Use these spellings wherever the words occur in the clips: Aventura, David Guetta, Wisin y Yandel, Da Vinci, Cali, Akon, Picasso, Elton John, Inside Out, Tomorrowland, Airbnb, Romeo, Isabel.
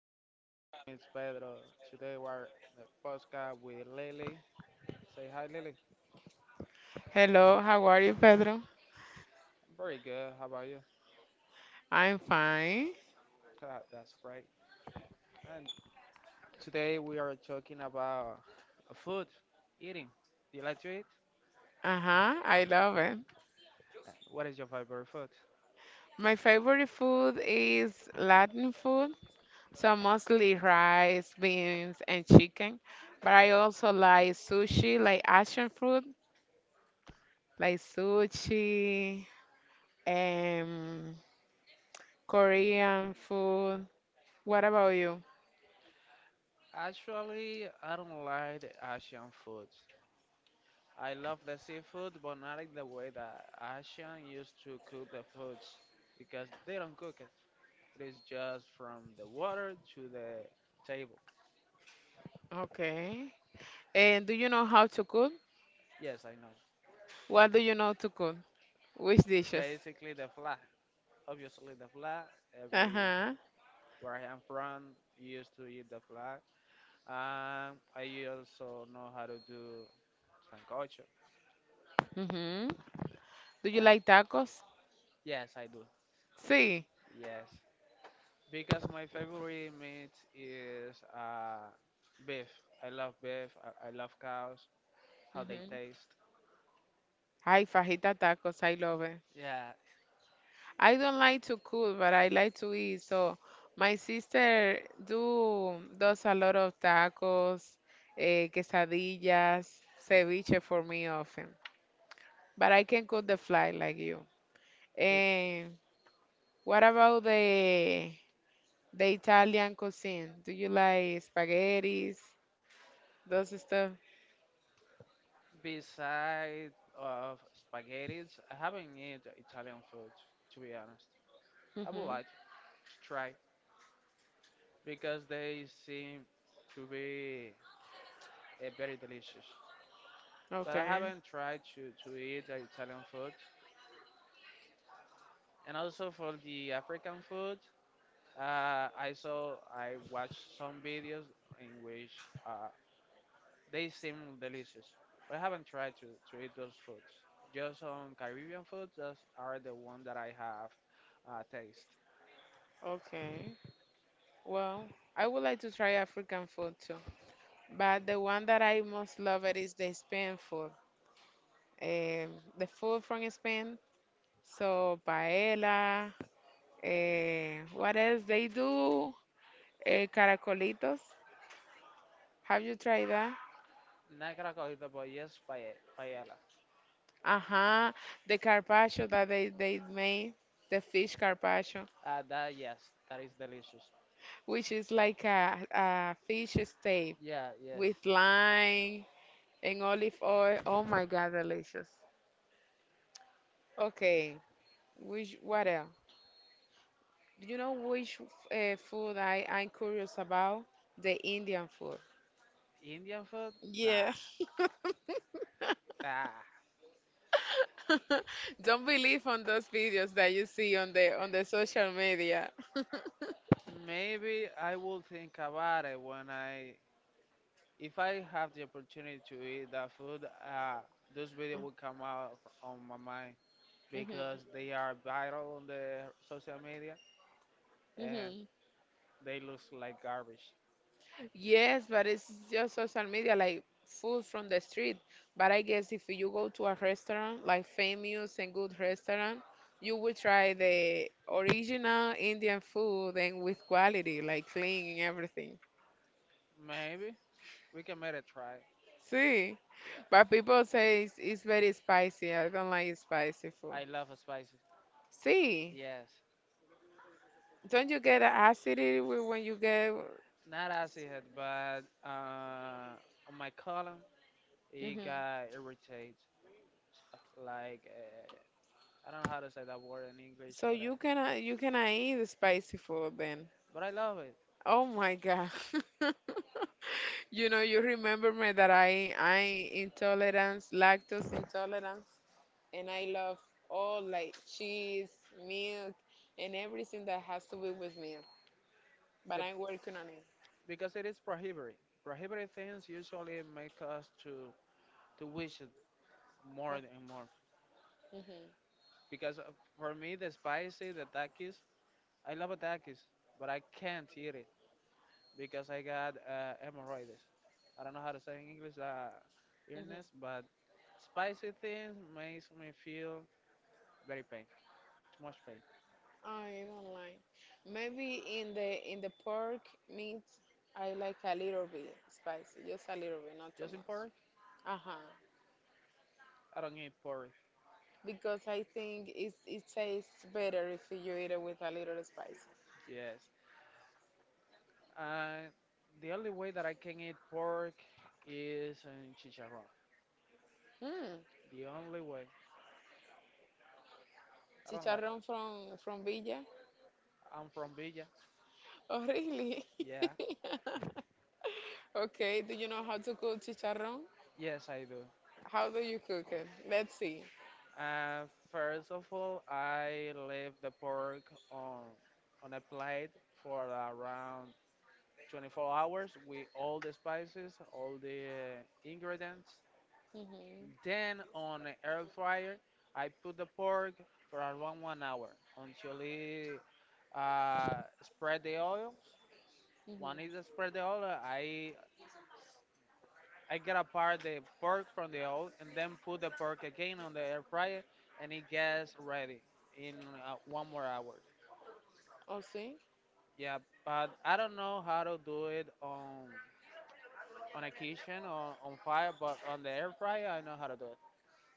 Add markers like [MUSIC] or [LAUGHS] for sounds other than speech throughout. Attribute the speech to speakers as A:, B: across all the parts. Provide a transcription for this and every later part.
A: afternoon. My name is Pedro. Today we're in the podcast with Lily. Say hi, Lily.
B: Hello, how are you, Pedro?
A: I'm very good. How about you?
B: I'm fine.
A: Ah, that's great. And today we are talking about food, eating. Do you like to eat?
B: Uh-huh, I love it.
A: What is your favorite food?
B: My favorite food is Latin food, so mostly rice, beans, and chicken. But I also like sushi, like Asian food, like sushi, and Korean food. What about you?
A: Actually, I don't like the Asian foods. I love the seafood, but not in the way that Asian used to cook the foods because they don't cook it. It is just from the water to the table.
B: Okay. And do you know how to cook?
A: Yes, I know.
B: What do you know to cook? Which dishes?
A: Basically, the flag. Obviously, the flag. Every
B: Ajá.
A: where I am from used to eat the flag. I also know how to do sancocho.
B: Mm-hmm. Do you
A: Uh,
B: like tacos?
A: yes, I do.
B: Sí.
A: Yes, because my favorite meat is beef. I love beef. I love cows. How they
B: Mm-hmm.
A: taste.
B: Ay, fajita tacos, I love it.
A: Yeah.
B: I don't like to cook, but I like to eat. So my sister do does a lot of tacos, quesadillas, ceviche for me often. But I can cook the fly like you. And what about the Italian cuisine? Do you like spaghettis, those stuff?
A: Besides of spaghetti, I haven't eaten Italian food, to be honest. I would
B: Mm-hmm.
A: like to try, because they seem to be very delicious. But I
B: Okay,
A: haven't tried to eat the Italian food. And also for the African food, I watched some videos in which uh, they seem delicious. But I haven't tried to eat those foods. Just on Caribbean foods, those are the one that I have taste.
B: okay. Well, I would like to try African food too, but the one that I most love it is the Spain food. The food from Spain, so paella. What else they do? Caracolitos. Have you tried that?
A: Not cracolita, but yes, paella.
B: Uh-huh. The carpaccio that they made, the fish carpaccio,
A: That yes, that is delicious.
B: which is like a fish steak
A: Yeah,
B: with
A: yes.
B: lime and olive oil. Oh my God, delicious. Okay, which what else? Do you know which food I'm curious about? The Indian food.
A: Indian food?
B: Yeah.
A: Nah,
B: [LAUGHS]
A: nah.
B: Don't believe on those videos that you see on the
A: Eh,
B: social media. [LAUGHS]
A: Maybe I will think about it if I have the opportunity to eat that food. Those videos will come out on my mind
B: hmm
A: because they are viral on the social media, and
B: hmm
A: they look like garbage.
B: Yes, but it's just social media, like food from the street. But I guess if you go to a restaurant, like famous and good restaurant, you will try the original Indian food and with quality, like clean and everything.
A: Maybe we can make a try.
B: See?
A: Yeah,
B: But people say it's very spicy. I don't like spicy food.
A: I love spicy.
B: See,
A: Yes,
B: don't you get acidity when you get?
A: not as it, but on my column it
B: hmm
A: got irritated like I don't know how to say that word in English,
B: So you cannot eat the spicy food then.
A: but I love it
B: Oh my God. [LAUGHS] You know, you remember me that I intolerance, lactose intolerance, and I love all like cheese, milk, and everything that has to do with milk. But
A: the,
B: I'm working on it.
A: because it is prohibited. Prohibited things usually make us to wish it more and more. Because for me, the spicy, the takis, I love takis, but I can't eat it because I got hemorrhoids. I don't know how to say in English
B: hmm
A: illness, but spicy things makes me feel very pain, too much pain.
B: I don't like. Maybe in the pork meat, I like a little bit spicy, just a little bit, not too
A: Just in
B: much.
A: pork,
B: Uh-huh.
A: I don't eat pork.
B: Because I think it tastes better if you eat it with a little spice.
A: Yes, Uh, the only way that I can eat pork is in chicharrón.
B: Hmm.
A: The only way. I don't like.
B: Chicharrón from Villa.
A: I'm from Villa.
B: Oh, really?
A: Yeah.
B: [LAUGHS] Okay. Do you know how to cook chicharrón?
A: Yes, I do.
B: How do you cook it? Let's see.
A: Uh, First of all, I leave the pork on on a plate for around 24 hours with all the spices, all the ingredients.
B: Mm-hmm.
A: Then on an air fryer, I put the pork for around 1 hour until it spread the oil. One is
B: Mm-hmm.
A: spread the oil. I get apart the pork from the oil and then put the pork again on the air fryer, and it gets ready in one more hour.
B: Oh, see?
A: Yeah, but I don't know how to do it on a kitchen or on fire, but on the air fryer I know how to do it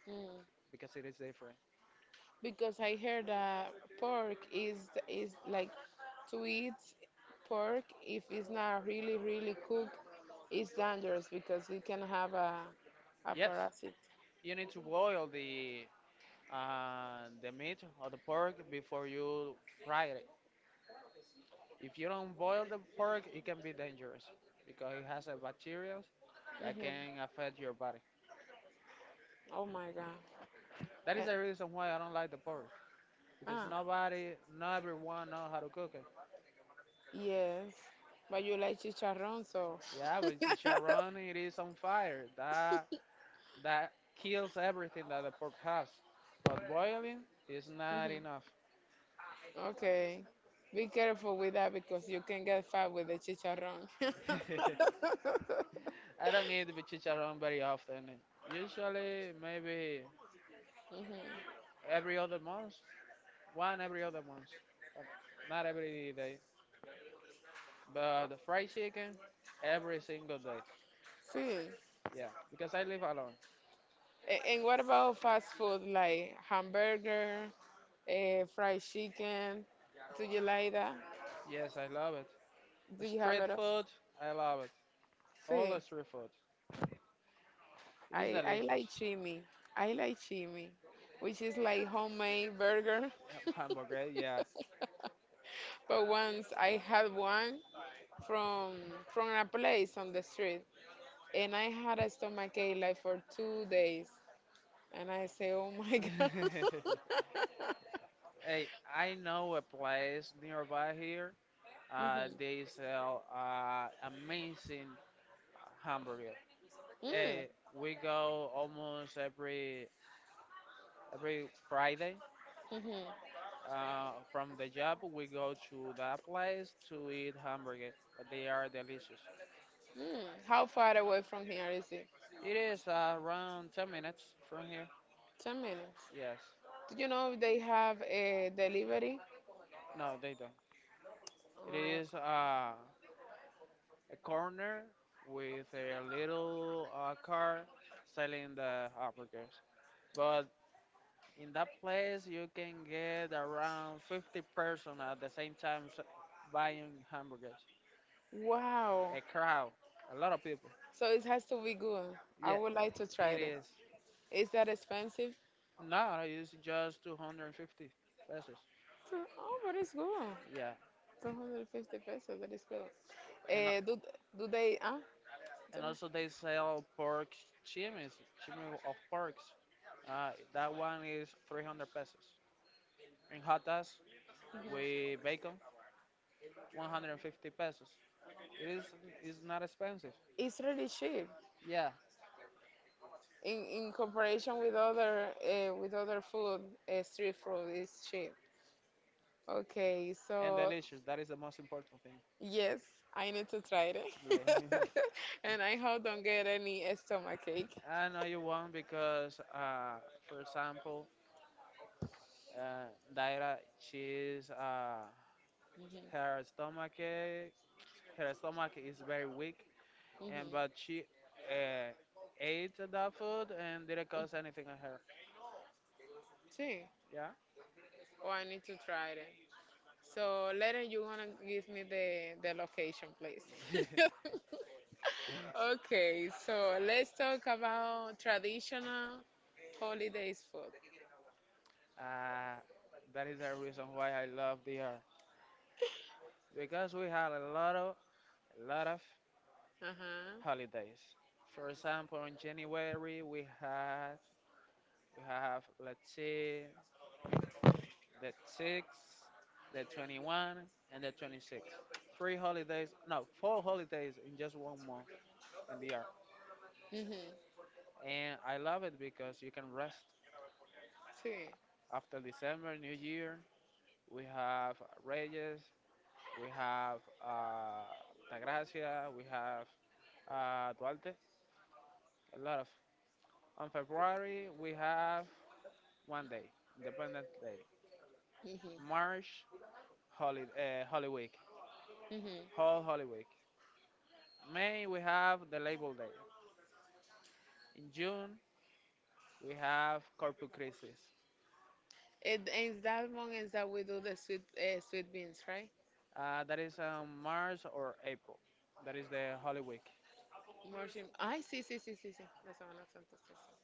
B: Mm.
A: because it is different.
B: Because I heard that pork is like to eat pork if it's not really, really cooked it's dangerous because it can have a
A: Yes,
B: parasite.
A: you need to boil the meat or the pork before you fry it. If you don't boil the pork, it can be dangerous because it has a bacteria that can
B: hmm
A: affect your body.
B: Oh my God.
A: That is
B: And-
A: the reason why I don't like the pork because
B: ah,
A: nobody, not everyone know how to cook it.
B: yes. But you like chicharrón, so. [LAUGHS]
A: Yeah, but the Sharon, it is on fire. That kills everything that the pork has. But boiling is not
B: Mhm.
A: enough.
B: Okay. Be careful with that because you can get fat with the chicharrón. [LAUGHS]
A: [LAUGHS] I don't eat the chicharron very often. Usually, maybe
B: Mhm.
A: every other month, one every other month, but not every day. But the fried chicken, every single day.
B: Sí.
A: Yeah, because I live alone.
B: A- And what about fast food like hamburger, fried chicken? Do you like that?
A: Yes, I love it.
B: Do you have
A: Street
B: it?
A: food, I love it. All
B: See,
A: the street food. It is
B: I
A: delicious.
B: like
A: [LAUGHS]
B: chimi. I like chimi, which is like homemade burger. [LAUGHS]
A: Hamburger, yeah.
B: But once I had one from a place on the street, and I had a stomachache like for 2 days, and I say, oh my [LAUGHS] God.
A: [LAUGHS] Hey, I know a place nearby here.
B: Mhm.
A: They sell amazing hamburger.
B: Mm,
A: Hey, we go almost every Friday.
B: mhm,
A: From the job, we go to that place to eat hamburger, but they are delicious.
B: mm. How far away from here is it?
A: It is around 10 minutes from here.
B: 10 minutes.
A: Yes.
B: Do you know if they have a delivery?
A: No, they don't. It
B: Uh,
A: is a corner with a little car selling the hamburgers. But in that place, you can get around 50 person at the same time buying hamburgers.
B: Wow.
A: A crowd, a lot of people.
B: So it has to be good. I
A: Yeah,
B: would like to try
A: it
B: it.
A: is.
B: Is that expensive?
A: No, it's just 250 pesos.
B: So- Oh, but it's good.
A: Yeah,
B: 250 pesos, that is good.
A: and a-
B: Eh, do, do they, ah,
A: and
B: tell me.
A: also they sell pork chimis, chimi of porks. That one is 300 pesos. In hot dogs
B: Mhm.
A: with bacon, 150 pesos. It is not expensive.
B: It's really cheap
A: Yeah,
B: in comparison with other food, street food is cheap. Okay,
A: and
B: so
A: delicious. That is the most important thing.
B: yes, I need to try it.
A: Yeah.
B: [LAUGHS] And I hope don't get any stomach ache.
A: [LAUGHS] I know you won't because, for example, uh, Daira, she's
B: Mhm,
A: Her stomach, her stomach is very weak, and
B: mhm,
A: but she uh, ate that food and didn't cause
B: mhm.
A: anything on her.
B: Sí,
A: Yeah.
B: oh, I need to try it. So later you wanna give me the location, please.
A: [LAUGHS]
B: [LAUGHS] Okay, so let's talk about traditional holidays food.
A: uh, that is the reason why I love the DR because we had a lot of
B: Uh-huh.
A: holidays. For example, in January we have, let's see, the 6th, the 21, and the 26th. Three holidays, no, four holidays in just one month in the,
B: Mhm.
A: and I love it because you can rest
B: Sí.
A: after December, New Year. We have Reyes, we have uh, Tagracia, we have Duarte, a lot of. On February, we have one day, Independence Day.
B: Mhm.
A: March, Holy, Holy Week,
B: Mhm.
A: whole Holy Week. May, we have the Labor Day. In June, we have Corpus Christi.
B: It is that one is that we do the sweet sweet beans, right?
A: That is on March or April. That is the Holy Week.
B: Margin. I see, see, see, see, see. That's Semana Santa sí, sí.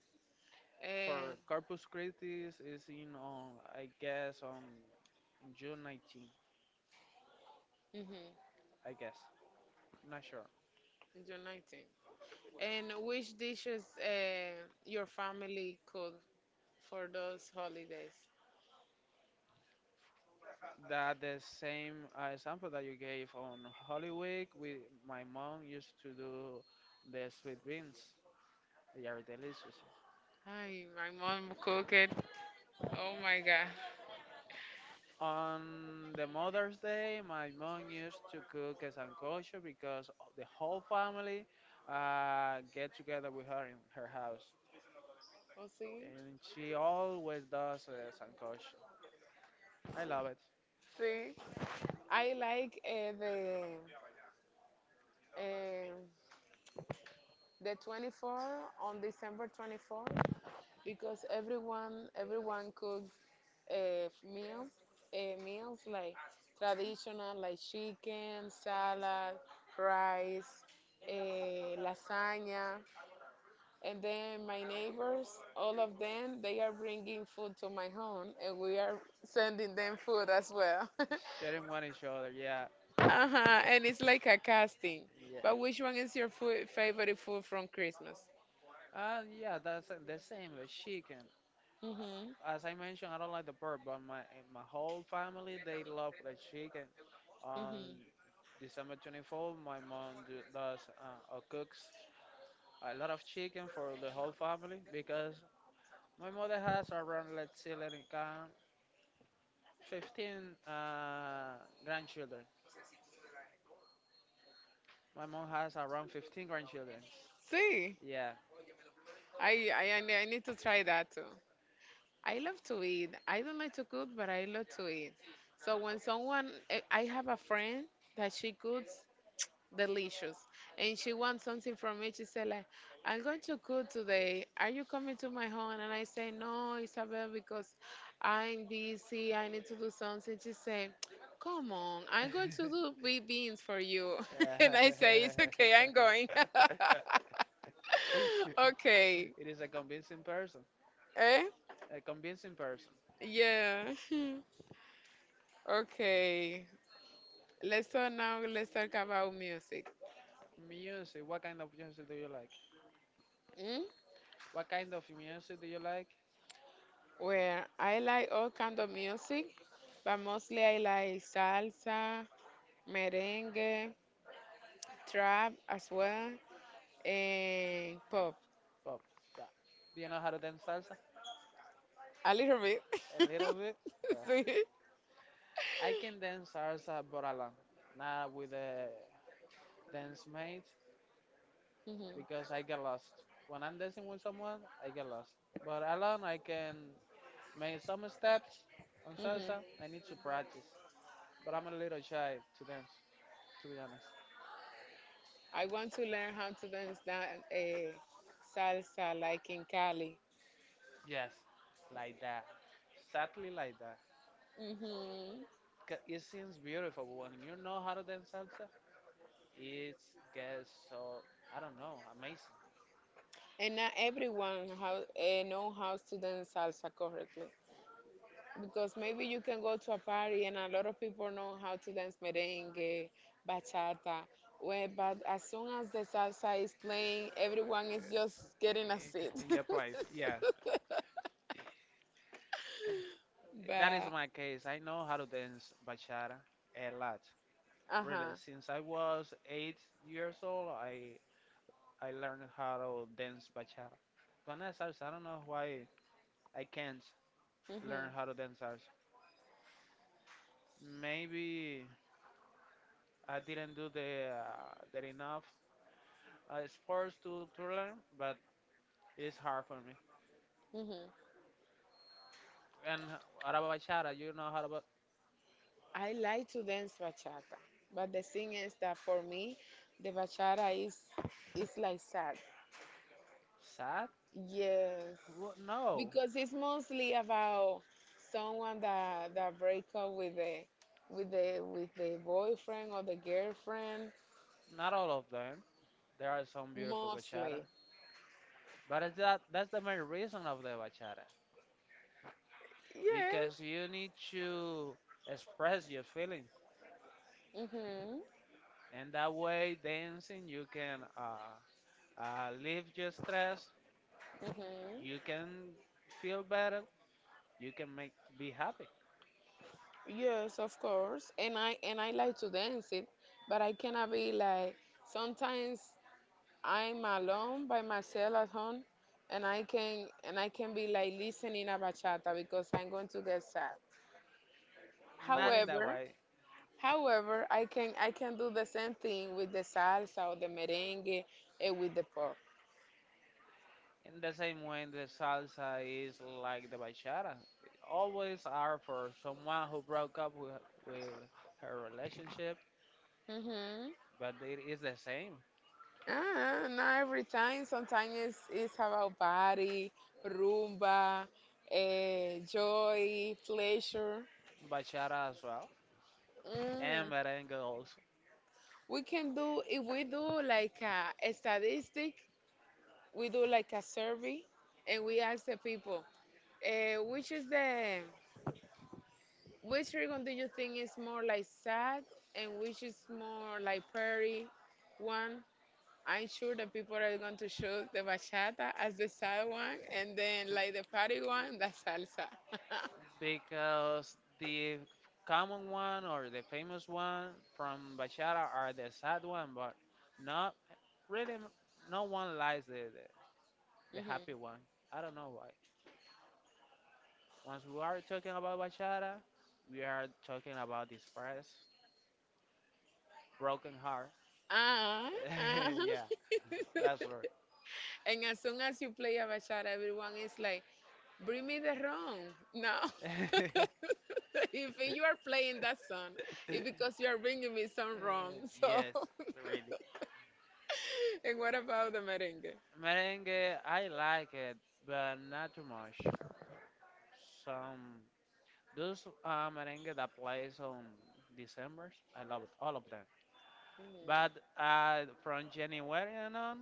B: Eh,
A: For Corpus Christi is in on, I guess, on June 19th.
B: ujú,
A: I guess, not sure.
B: en 19. And which dishes your family cook for those holidays?
A: That the same example that you gave on Holy Week, we my mom used to do the sweet beans. They are delicious.
B: Hi, my mom cooked. Oh my God.
A: On the Mother's Day, my mom used to cook a sancocho because the whole family get together with her in her house,
B: Oh, see.
A: and she always does a sancocho. I love it.
B: Sí. I like eh, the 24 on December 24 because everyone cook uh, meal, meals like traditional, like chicken, salad, rice, lasagna. And then my neighbors, all of them, they are bringing food to my home, and we are sending them food as well. [LAUGHS]
A: Sharing one each other. Yeah,
B: Uh-huh. And it's like a casting.
A: yeah.
B: But which one is your food, favorite food from Christmas?
A: Yeah, that's the same. The chicken.
B: Mm-hmm.
A: As I mentioned, I don't like the pork, but my my whole family they love the chicken. On
B: Mm-hmm.
A: December 24th, my mom does or cooks a lot of chicken for the whole family because my mother has around, let's see, let it count, 15 uh, grandchildren. My mom has around 15 grandchildren.
B: See,
A: Yeah.
B: I need I need to try that too. I love to eat. I don't like to cook, but I love to eat. So when someone, I have a friend that she cooks delicious, and she wants something from me. She said like, "I'm going to cook today. Are you coming to my home?" And I say, "No, Isabel, because I'm busy. I need to do something." She said, "Come on, I'm going to
A: [LAUGHS]
B: do baked beans for you." [LAUGHS] And I say, "It's okay. I'm going." [LAUGHS]
A: [LAUGHS]
B: Okay.
A: It is a convincing person.
B: Eh?
A: A convincing person.
B: Yeah. [LAUGHS] Okay, let's talk now. Let's talk about music.
A: Music. What kind of music do you like?
B: Mm?
A: What kind of music do you like?
B: Well, I like all kind of music, but mostly I like salsa, merengue, trap as well, and pop.
A: Pop. Yeah. Do you know how to dance salsa?
B: A little bit.
A: A
B: [LAUGHS]
A: little bit. Uh,
B: See?
A: I can dance salsa, but alone, not with a dance mate,
B: hmm
A: because I get lost. When I'm dancing with someone, I get lost. But alone, I can make some steps on
B: hmm
A: salsa. I need to practice, but I'm a little shy to dance, to be honest.
B: I want to learn how to dance that salsa like in Cali.
A: Yes, like that. Sadly like that.
B: hmm
A: 'Cause it seems beautiful, but when you know how to dance salsa, it gets so, I don't know, amazing.
B: And not everyone how, know how to dance salsa correctly. Because maybe you can go to a party and a lot of people know how to dance merengue, bachata. Well, but as soon as the salsa is playing, everyone is just getting a seat.
A: I- In
B: [LAUGHS]
A: good place, yes. That is
B: but,
A: my case. I know how to dance bachata a lot.
B: uh
A: Really,
B: huh.
A: since I was 8 years old, I learned how to dance bachata. But not salsa. I don't know why I can't learn how to dance salsa.
B: hmm
A: Maybe I didn't do the that enough sports to learn, but it is hard for me.
B: hmm
A: And what about bachata? You know how about
B: I like to dance bachata, but the thing is that for me, the bachata is like salsa.
A: sad?
B: Yes,
A: No,
B: because it's mostly about someone that break up with the with the boyfriend or the girlfriend
A: not all of them. There are some beautiful bachata,
B: mostly.
A: but it's that that's the main reason of the bachata because
B: Yes.
A: you need to express your feelings,
B: Mhm.
A: and that way dancing you can leave your stress.
B: Mhm.
A: You can feel better. You can make be happy.
B: Yes, of course. And I like to dance it, but I cannot be like sometimes I'm alone by myself at home, and I can be like listening a bachata because I'm going to get sad.
A: Not in that
B: However,
A: way.
B: however, I can do the same thing with the salsa or the merengue and with the pop.
A: In the same way, the salsa is like the bachata. It always are for someone who broke up with her relationship,
B: Mhm.
A: but it is the same.
B: Ah, not every time. Sometimes it's about body, rumba, joy, pleasure.
A: Bachata as well, and
B: Mm.
A: merengue also.
B: We can do, if we do like a statistic, we do like a survey and we ask the people, eh, which is the which ribbon do you think is more like sad and which is more like pretty one? I'm sure that people are going to choose the bachata as the sad one and then like the party one, the salsa. [LAUGHS]
A: Because the common one or the famous one from bachata are the sad one, but not really, no one likes the
B: Mhm.
A: happy one. I don't know why. Once we are talking about bachata, we are talking about this first. Broken heart.
B: Ah,
A: [LAUGHS]
B: ah.
A: Yeah, that's right.
B: [LAUGHS] And as soon as you play a bachata, everyone is like, bring me the rum. No.
A: [LAUGHS]
B: [LAUGHS] If you are playing that song, it's because you are bringing me some rum. So.
A: Yes,
B: [LAUGHS]
A: really.
B: [LAUGHS] And what about the merengue?
A: Merengue, I like it, but not too much. Some those merengue that plays on December's, I love it, all of them.
B: Mm. No.
A: But from January and on,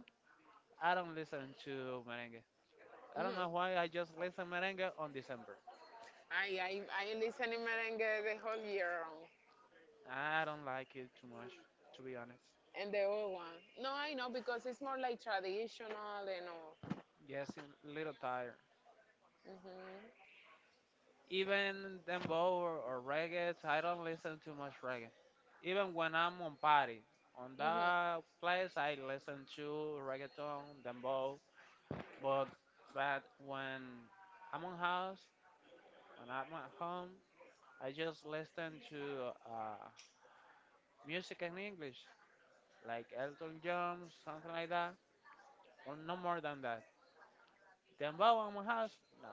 A: I don't listen to merengue. I don't know why I just listen merengue on December.
B: I listen to merengue the whole year round.
A: I don't like it too much, to be honest.
B: And the old one. No, I know because it's more like traditional and all.
A: Yes, a little tired. Even dembow or reggae, so I don't listen too much reggae. Even when I'm on party, on
B: hmm hmm
A: that place I listen to reggaeton, dembow. But but when I'm on house, when I'm at home, I just listen to music in English, like Elton John, something like that, or no more than that. Dembow on my house? No,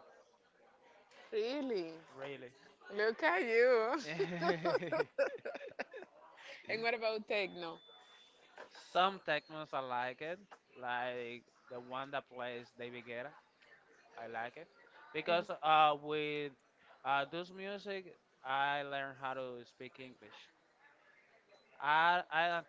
B: Really?
A: really.
B: Look at you.
A: [LAUGHS]
B: [LAUGHS] And what about techno?
A: Some technos I like it, like the one that plays David Guetta. I like it because with this music, I learn how to speak English. I don't-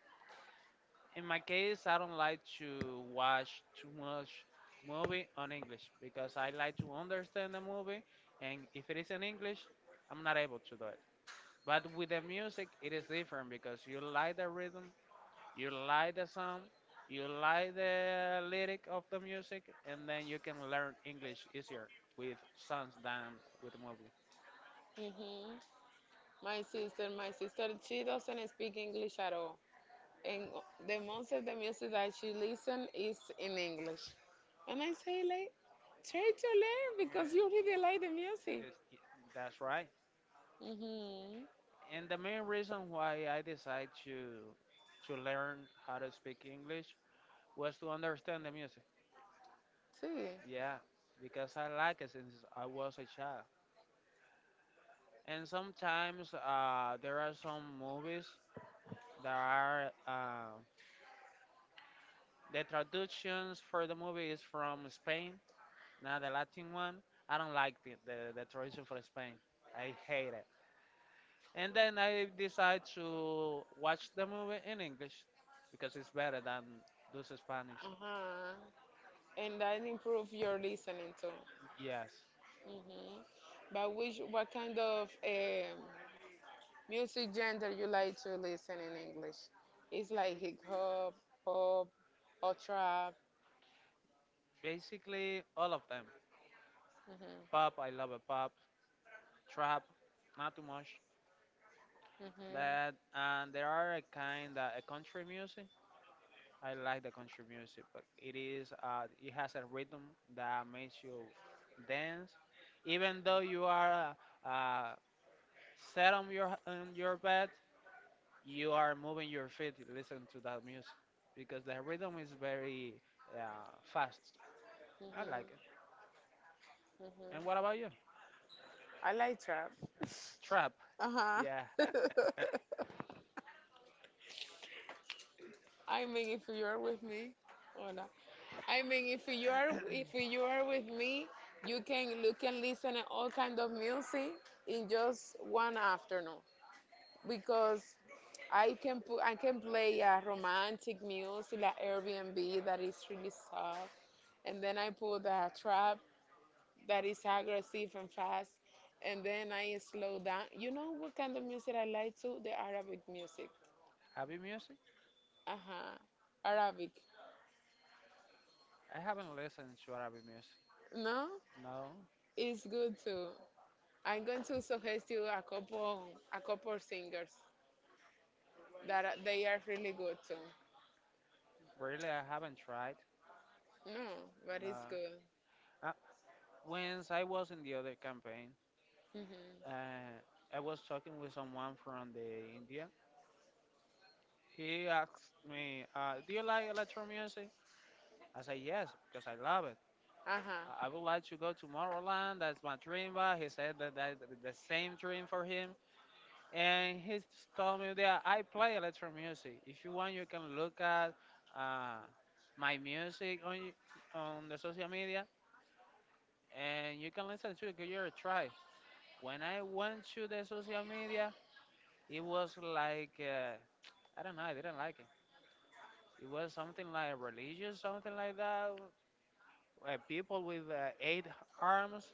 A: In my case, I don't like to watch too much movie on English because I like to understand the movie, and if it is in English, I'm not able to do it. But with the music, it is different because you like the rhythm. You like the song, you like the lyric of the music, and then you can learn English easier with songs than with movie.
B: hmm my sister she doesn't speak English at all. And the most of the music that she listen is in English. And I say like, try to learn because you
A: Yeah,
B: really like the music.
A: yes, y- that's right.
B: Mhm.
A: And the main reason why I decided to learn how to speak English was to understand the music.
B: Sí.
A: Yeah, because I like it since I was a child. And sometimes there are some movies that are the traductions for the movie is from Spain. Now the Latin one, I don't like the tradition for Spain. I hate it. And then I decide to watch the movie in English because it's better than those Spanish.
B: Ajá. And that improve your listening too.
A: Yes.
B: Mhm. But which what kind of music genre you like to listen in English? It's like hip hop, pop, or trap.
A: Basically all of them.
B: Mhm.
A: Pop, I love a pop. Trap, not too much.
B: Mhm.
A: But and there are a kind of a country music. I like the country music, but it is it has a rhythm that makes you dance, even though you are uh, uh, sit on your bed. You are moving your feet. Listen to that music because the rhythm is very fast. I like it.
B: Mhm.
A: And
B: Mhm.
A: what about you?
B: I like trap.
A: Trap.
B: Uh
A: Yeah.
B: huh.
A: [LAUGHS]
B: [LAUGHS] I mean, if you are with me, or not. I mean, if you are with me, you can look and listen at all kind of music in just one afternoon because I can play romantic music like Airbnb that is really soft, and then I put the trap that is aggressive and fast, and then I slow down. You know what kind of music I like too? The Arabic music.
A: Arabic music?
B: Uh huh. Arabic.
A: I haven't listened to Arabic music.
B: No,
A: No,
B: it's good too. I'm going to suggest you a couple singers that are- they are really good too.
A: really, I haven't tried.
B: No, but it's
A: No.
B: good.
A: Uh, once I was in the other campaign,
B: Mhm.
A: uh, I was talking with someone from the India. He asked me, "Do you like electro music?" I said yes because I love it. I
B: Uh-huh.
A: I would like to go to Tomorrowland. That's my dream. But he said that the same dream for him, and he told me that I play electro music. If you want, you can look at uh, my music on the social media, and you can listen to it. Give it a try. When I went to the social media, it was like I don't know. I didn't like it. It was something like religious, something like that. People with eight arms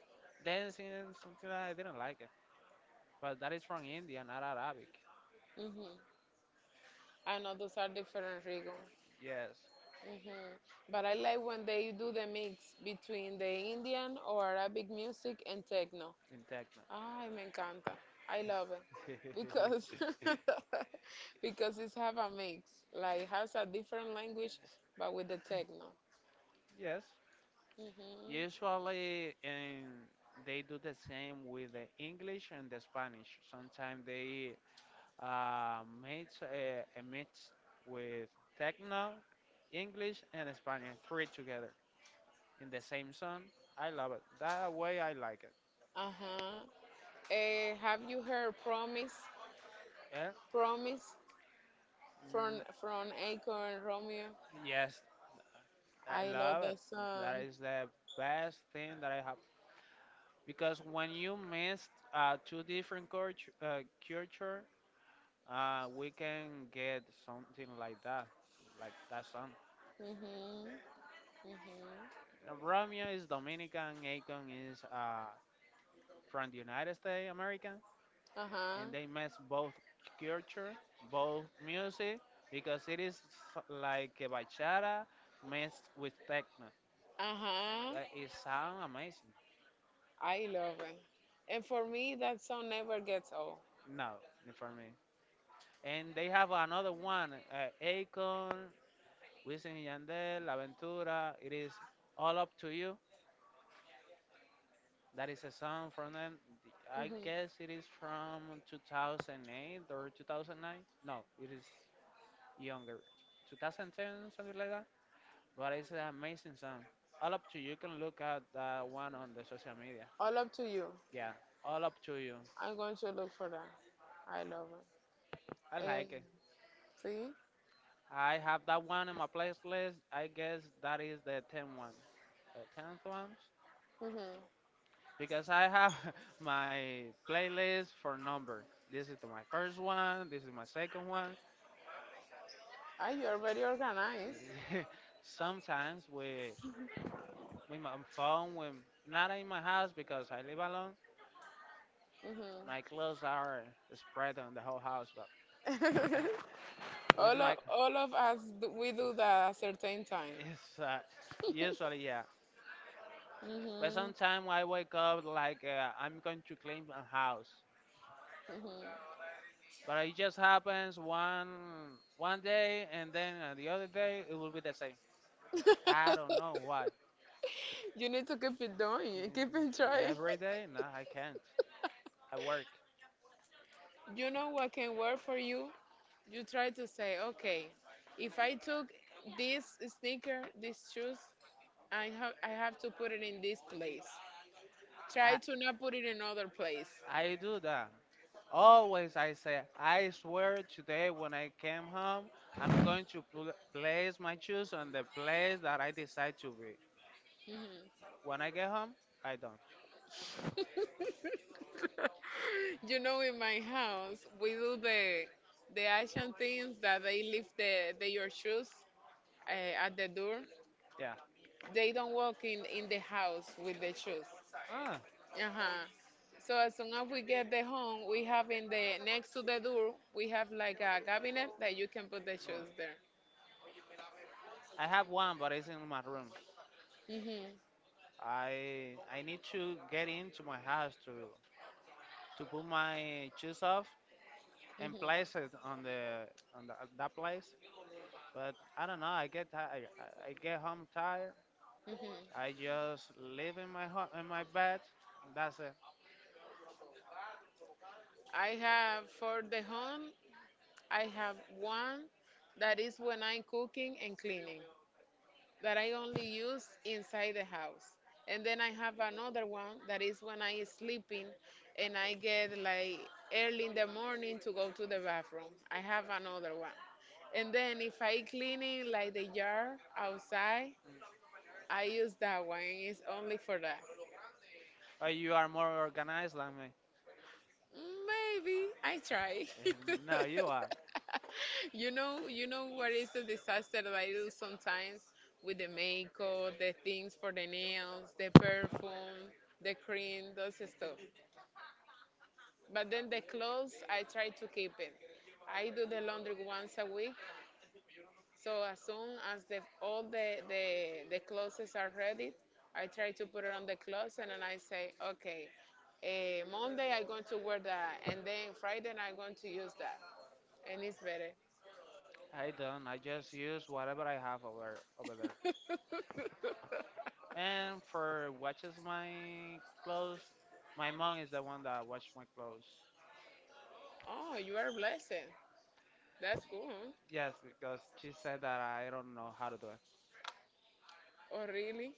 A: dancing, something I didn't like. But that is from India, not Arabic.
B: Mhm. I know those are different Rigo.
A: Yes,
B: Mhm. But I like when they do the mix between the Indian or Arabic music and techno.
A: in techno.
B: Ay, me encanta. I love it because
A: [LAUGHS]
B: [LAUGHS] because it's have a mix. Like has a different language but with the techno.
A: Yes.
B: Mhm.
A: Usually, in, they do the same with the English and the Spanish. Sometimes they mix a mix with techno, English, and Spanish, three together in the same song. I love it. That way, I like it.
B: Uh-huh. Have you heard Promise?
A: Eh?
B: Promise from
A: Mm,
B: Akon and Romeo.
A: yes, I
B: I love
A: love it.
B: that
A: That
B: song.
A: is the best thing that I have because when you mix two different culture, culture we can get something like that song.
B: Mhm. Mhm.
A: Romeo is Dominican, Akon is from the United States, American,
B: Uh huh.
A: and they mix both culture, both music, because it is like a bachata mixed with techno.
B: Uh huh.
A: It sounds amazing.
B: I love it. And for me, that song never gets old.
A: No, for me. And they have another one, Akon, Wisin y Yandel, Aventura, it is all up to you. That is a song from them. I guess
B: hmm
A: it is from 2008 or 2009. No, it is younger. 2010, something like that. But it's an amazing song. All up to you. You can look at that one on the social media.
B: All up to you.
A: Yeah, all up to you.
B: I'm going to look for that. I love
A: I
B: it. Eh,
A: like it.
B: see?
A: I have that one in my playlist. I guess that is the 10th one. The 10th one?
B: Mm-hmm.
A: Because I have [LAUGHS] my playlist for number. This is my first one. This is my second one.
B: Ah, you are very organized.
A: [LAUGHS] Sometimes with my phone, when not in my house because I live alone,
B: hmm
A: my clothes are spread on the whole house. But [LAUGHS]
B: [LAUGHS]
A: with
B: all of all of us, we do that at a certain time.
A: it's
B: [LAUGHS]
A: usually yeah. But
B: Mhm.
A: sometimes I wake up like I'm going to clean my house.
B: Mhm.
A: But it just happens one day, and then the other day it will be the same. I don't know why.
B: [LAUGHS] You need to keep it doing, keep it trying.
A: Every day? No, I can't. I work.
B: You know what can work for you? You try to say, okay, if I took this sneaker, these shoes, I have to put it in this place. Try to not put it in other place.
A: I do that. Always I say, I swear today when I came home, I'm going to place my shoes on the place that I decide to be. When I get home, I don't.
B: [LAUGHS] You know, in my house, we do the Asian things that they leave the your shoes at the door.
A: Yeah.
B: They don't walk in the house with the shoes.
A: Ah,
B: Uh-huh. So as soon as we get the home, we have in the next to the door, we have like a cabinet that you can put the
A: mm.
B: shoes there.
A: I have one, but it's in my room.
B: Mhm.
A: I need to get into my house to put my shoes off and
B: Mhm.
A: place it on the that place. But I don't know. I get tired. I get home tired.
B: Mhm.
A: I just live in my home in my bed. That's it.
B: I have for the home, I have one that is when I'm cooking and cleaning. That I only use inside the house. And then I have another one that is when I is sleeping and I get like early in the morning to go to the bathroom. I have another one. And then if I cleaning like the yard outside, I use that one. It's only for that.
A: Oh, you are more organized than me.
B: Maybe I try.
A: Eh, no, you
B: [LAUGHS]
A: are.
B: You know what is the disaster that I do sometimes with the makeup, the things for the nails, the perfume, the cream, those stuff. But then the clothes, I try to keep it. I do the laundry once a week, so as soon as the clothes are ready, I try to put it on the closet and I say, okay, Monday I'm going to wear that, and then Friday I'm going to use that, and it's better.
A: I don't. I just use whatever I have over there.
B: [LAUGHS]
A: And for watches my clothes, my mom is the one that washes my clothes.
B: Oh, you are blessed. That's cool. Huh?
A: Yes, because she said that I don't know how to do it.
B: Oh, really?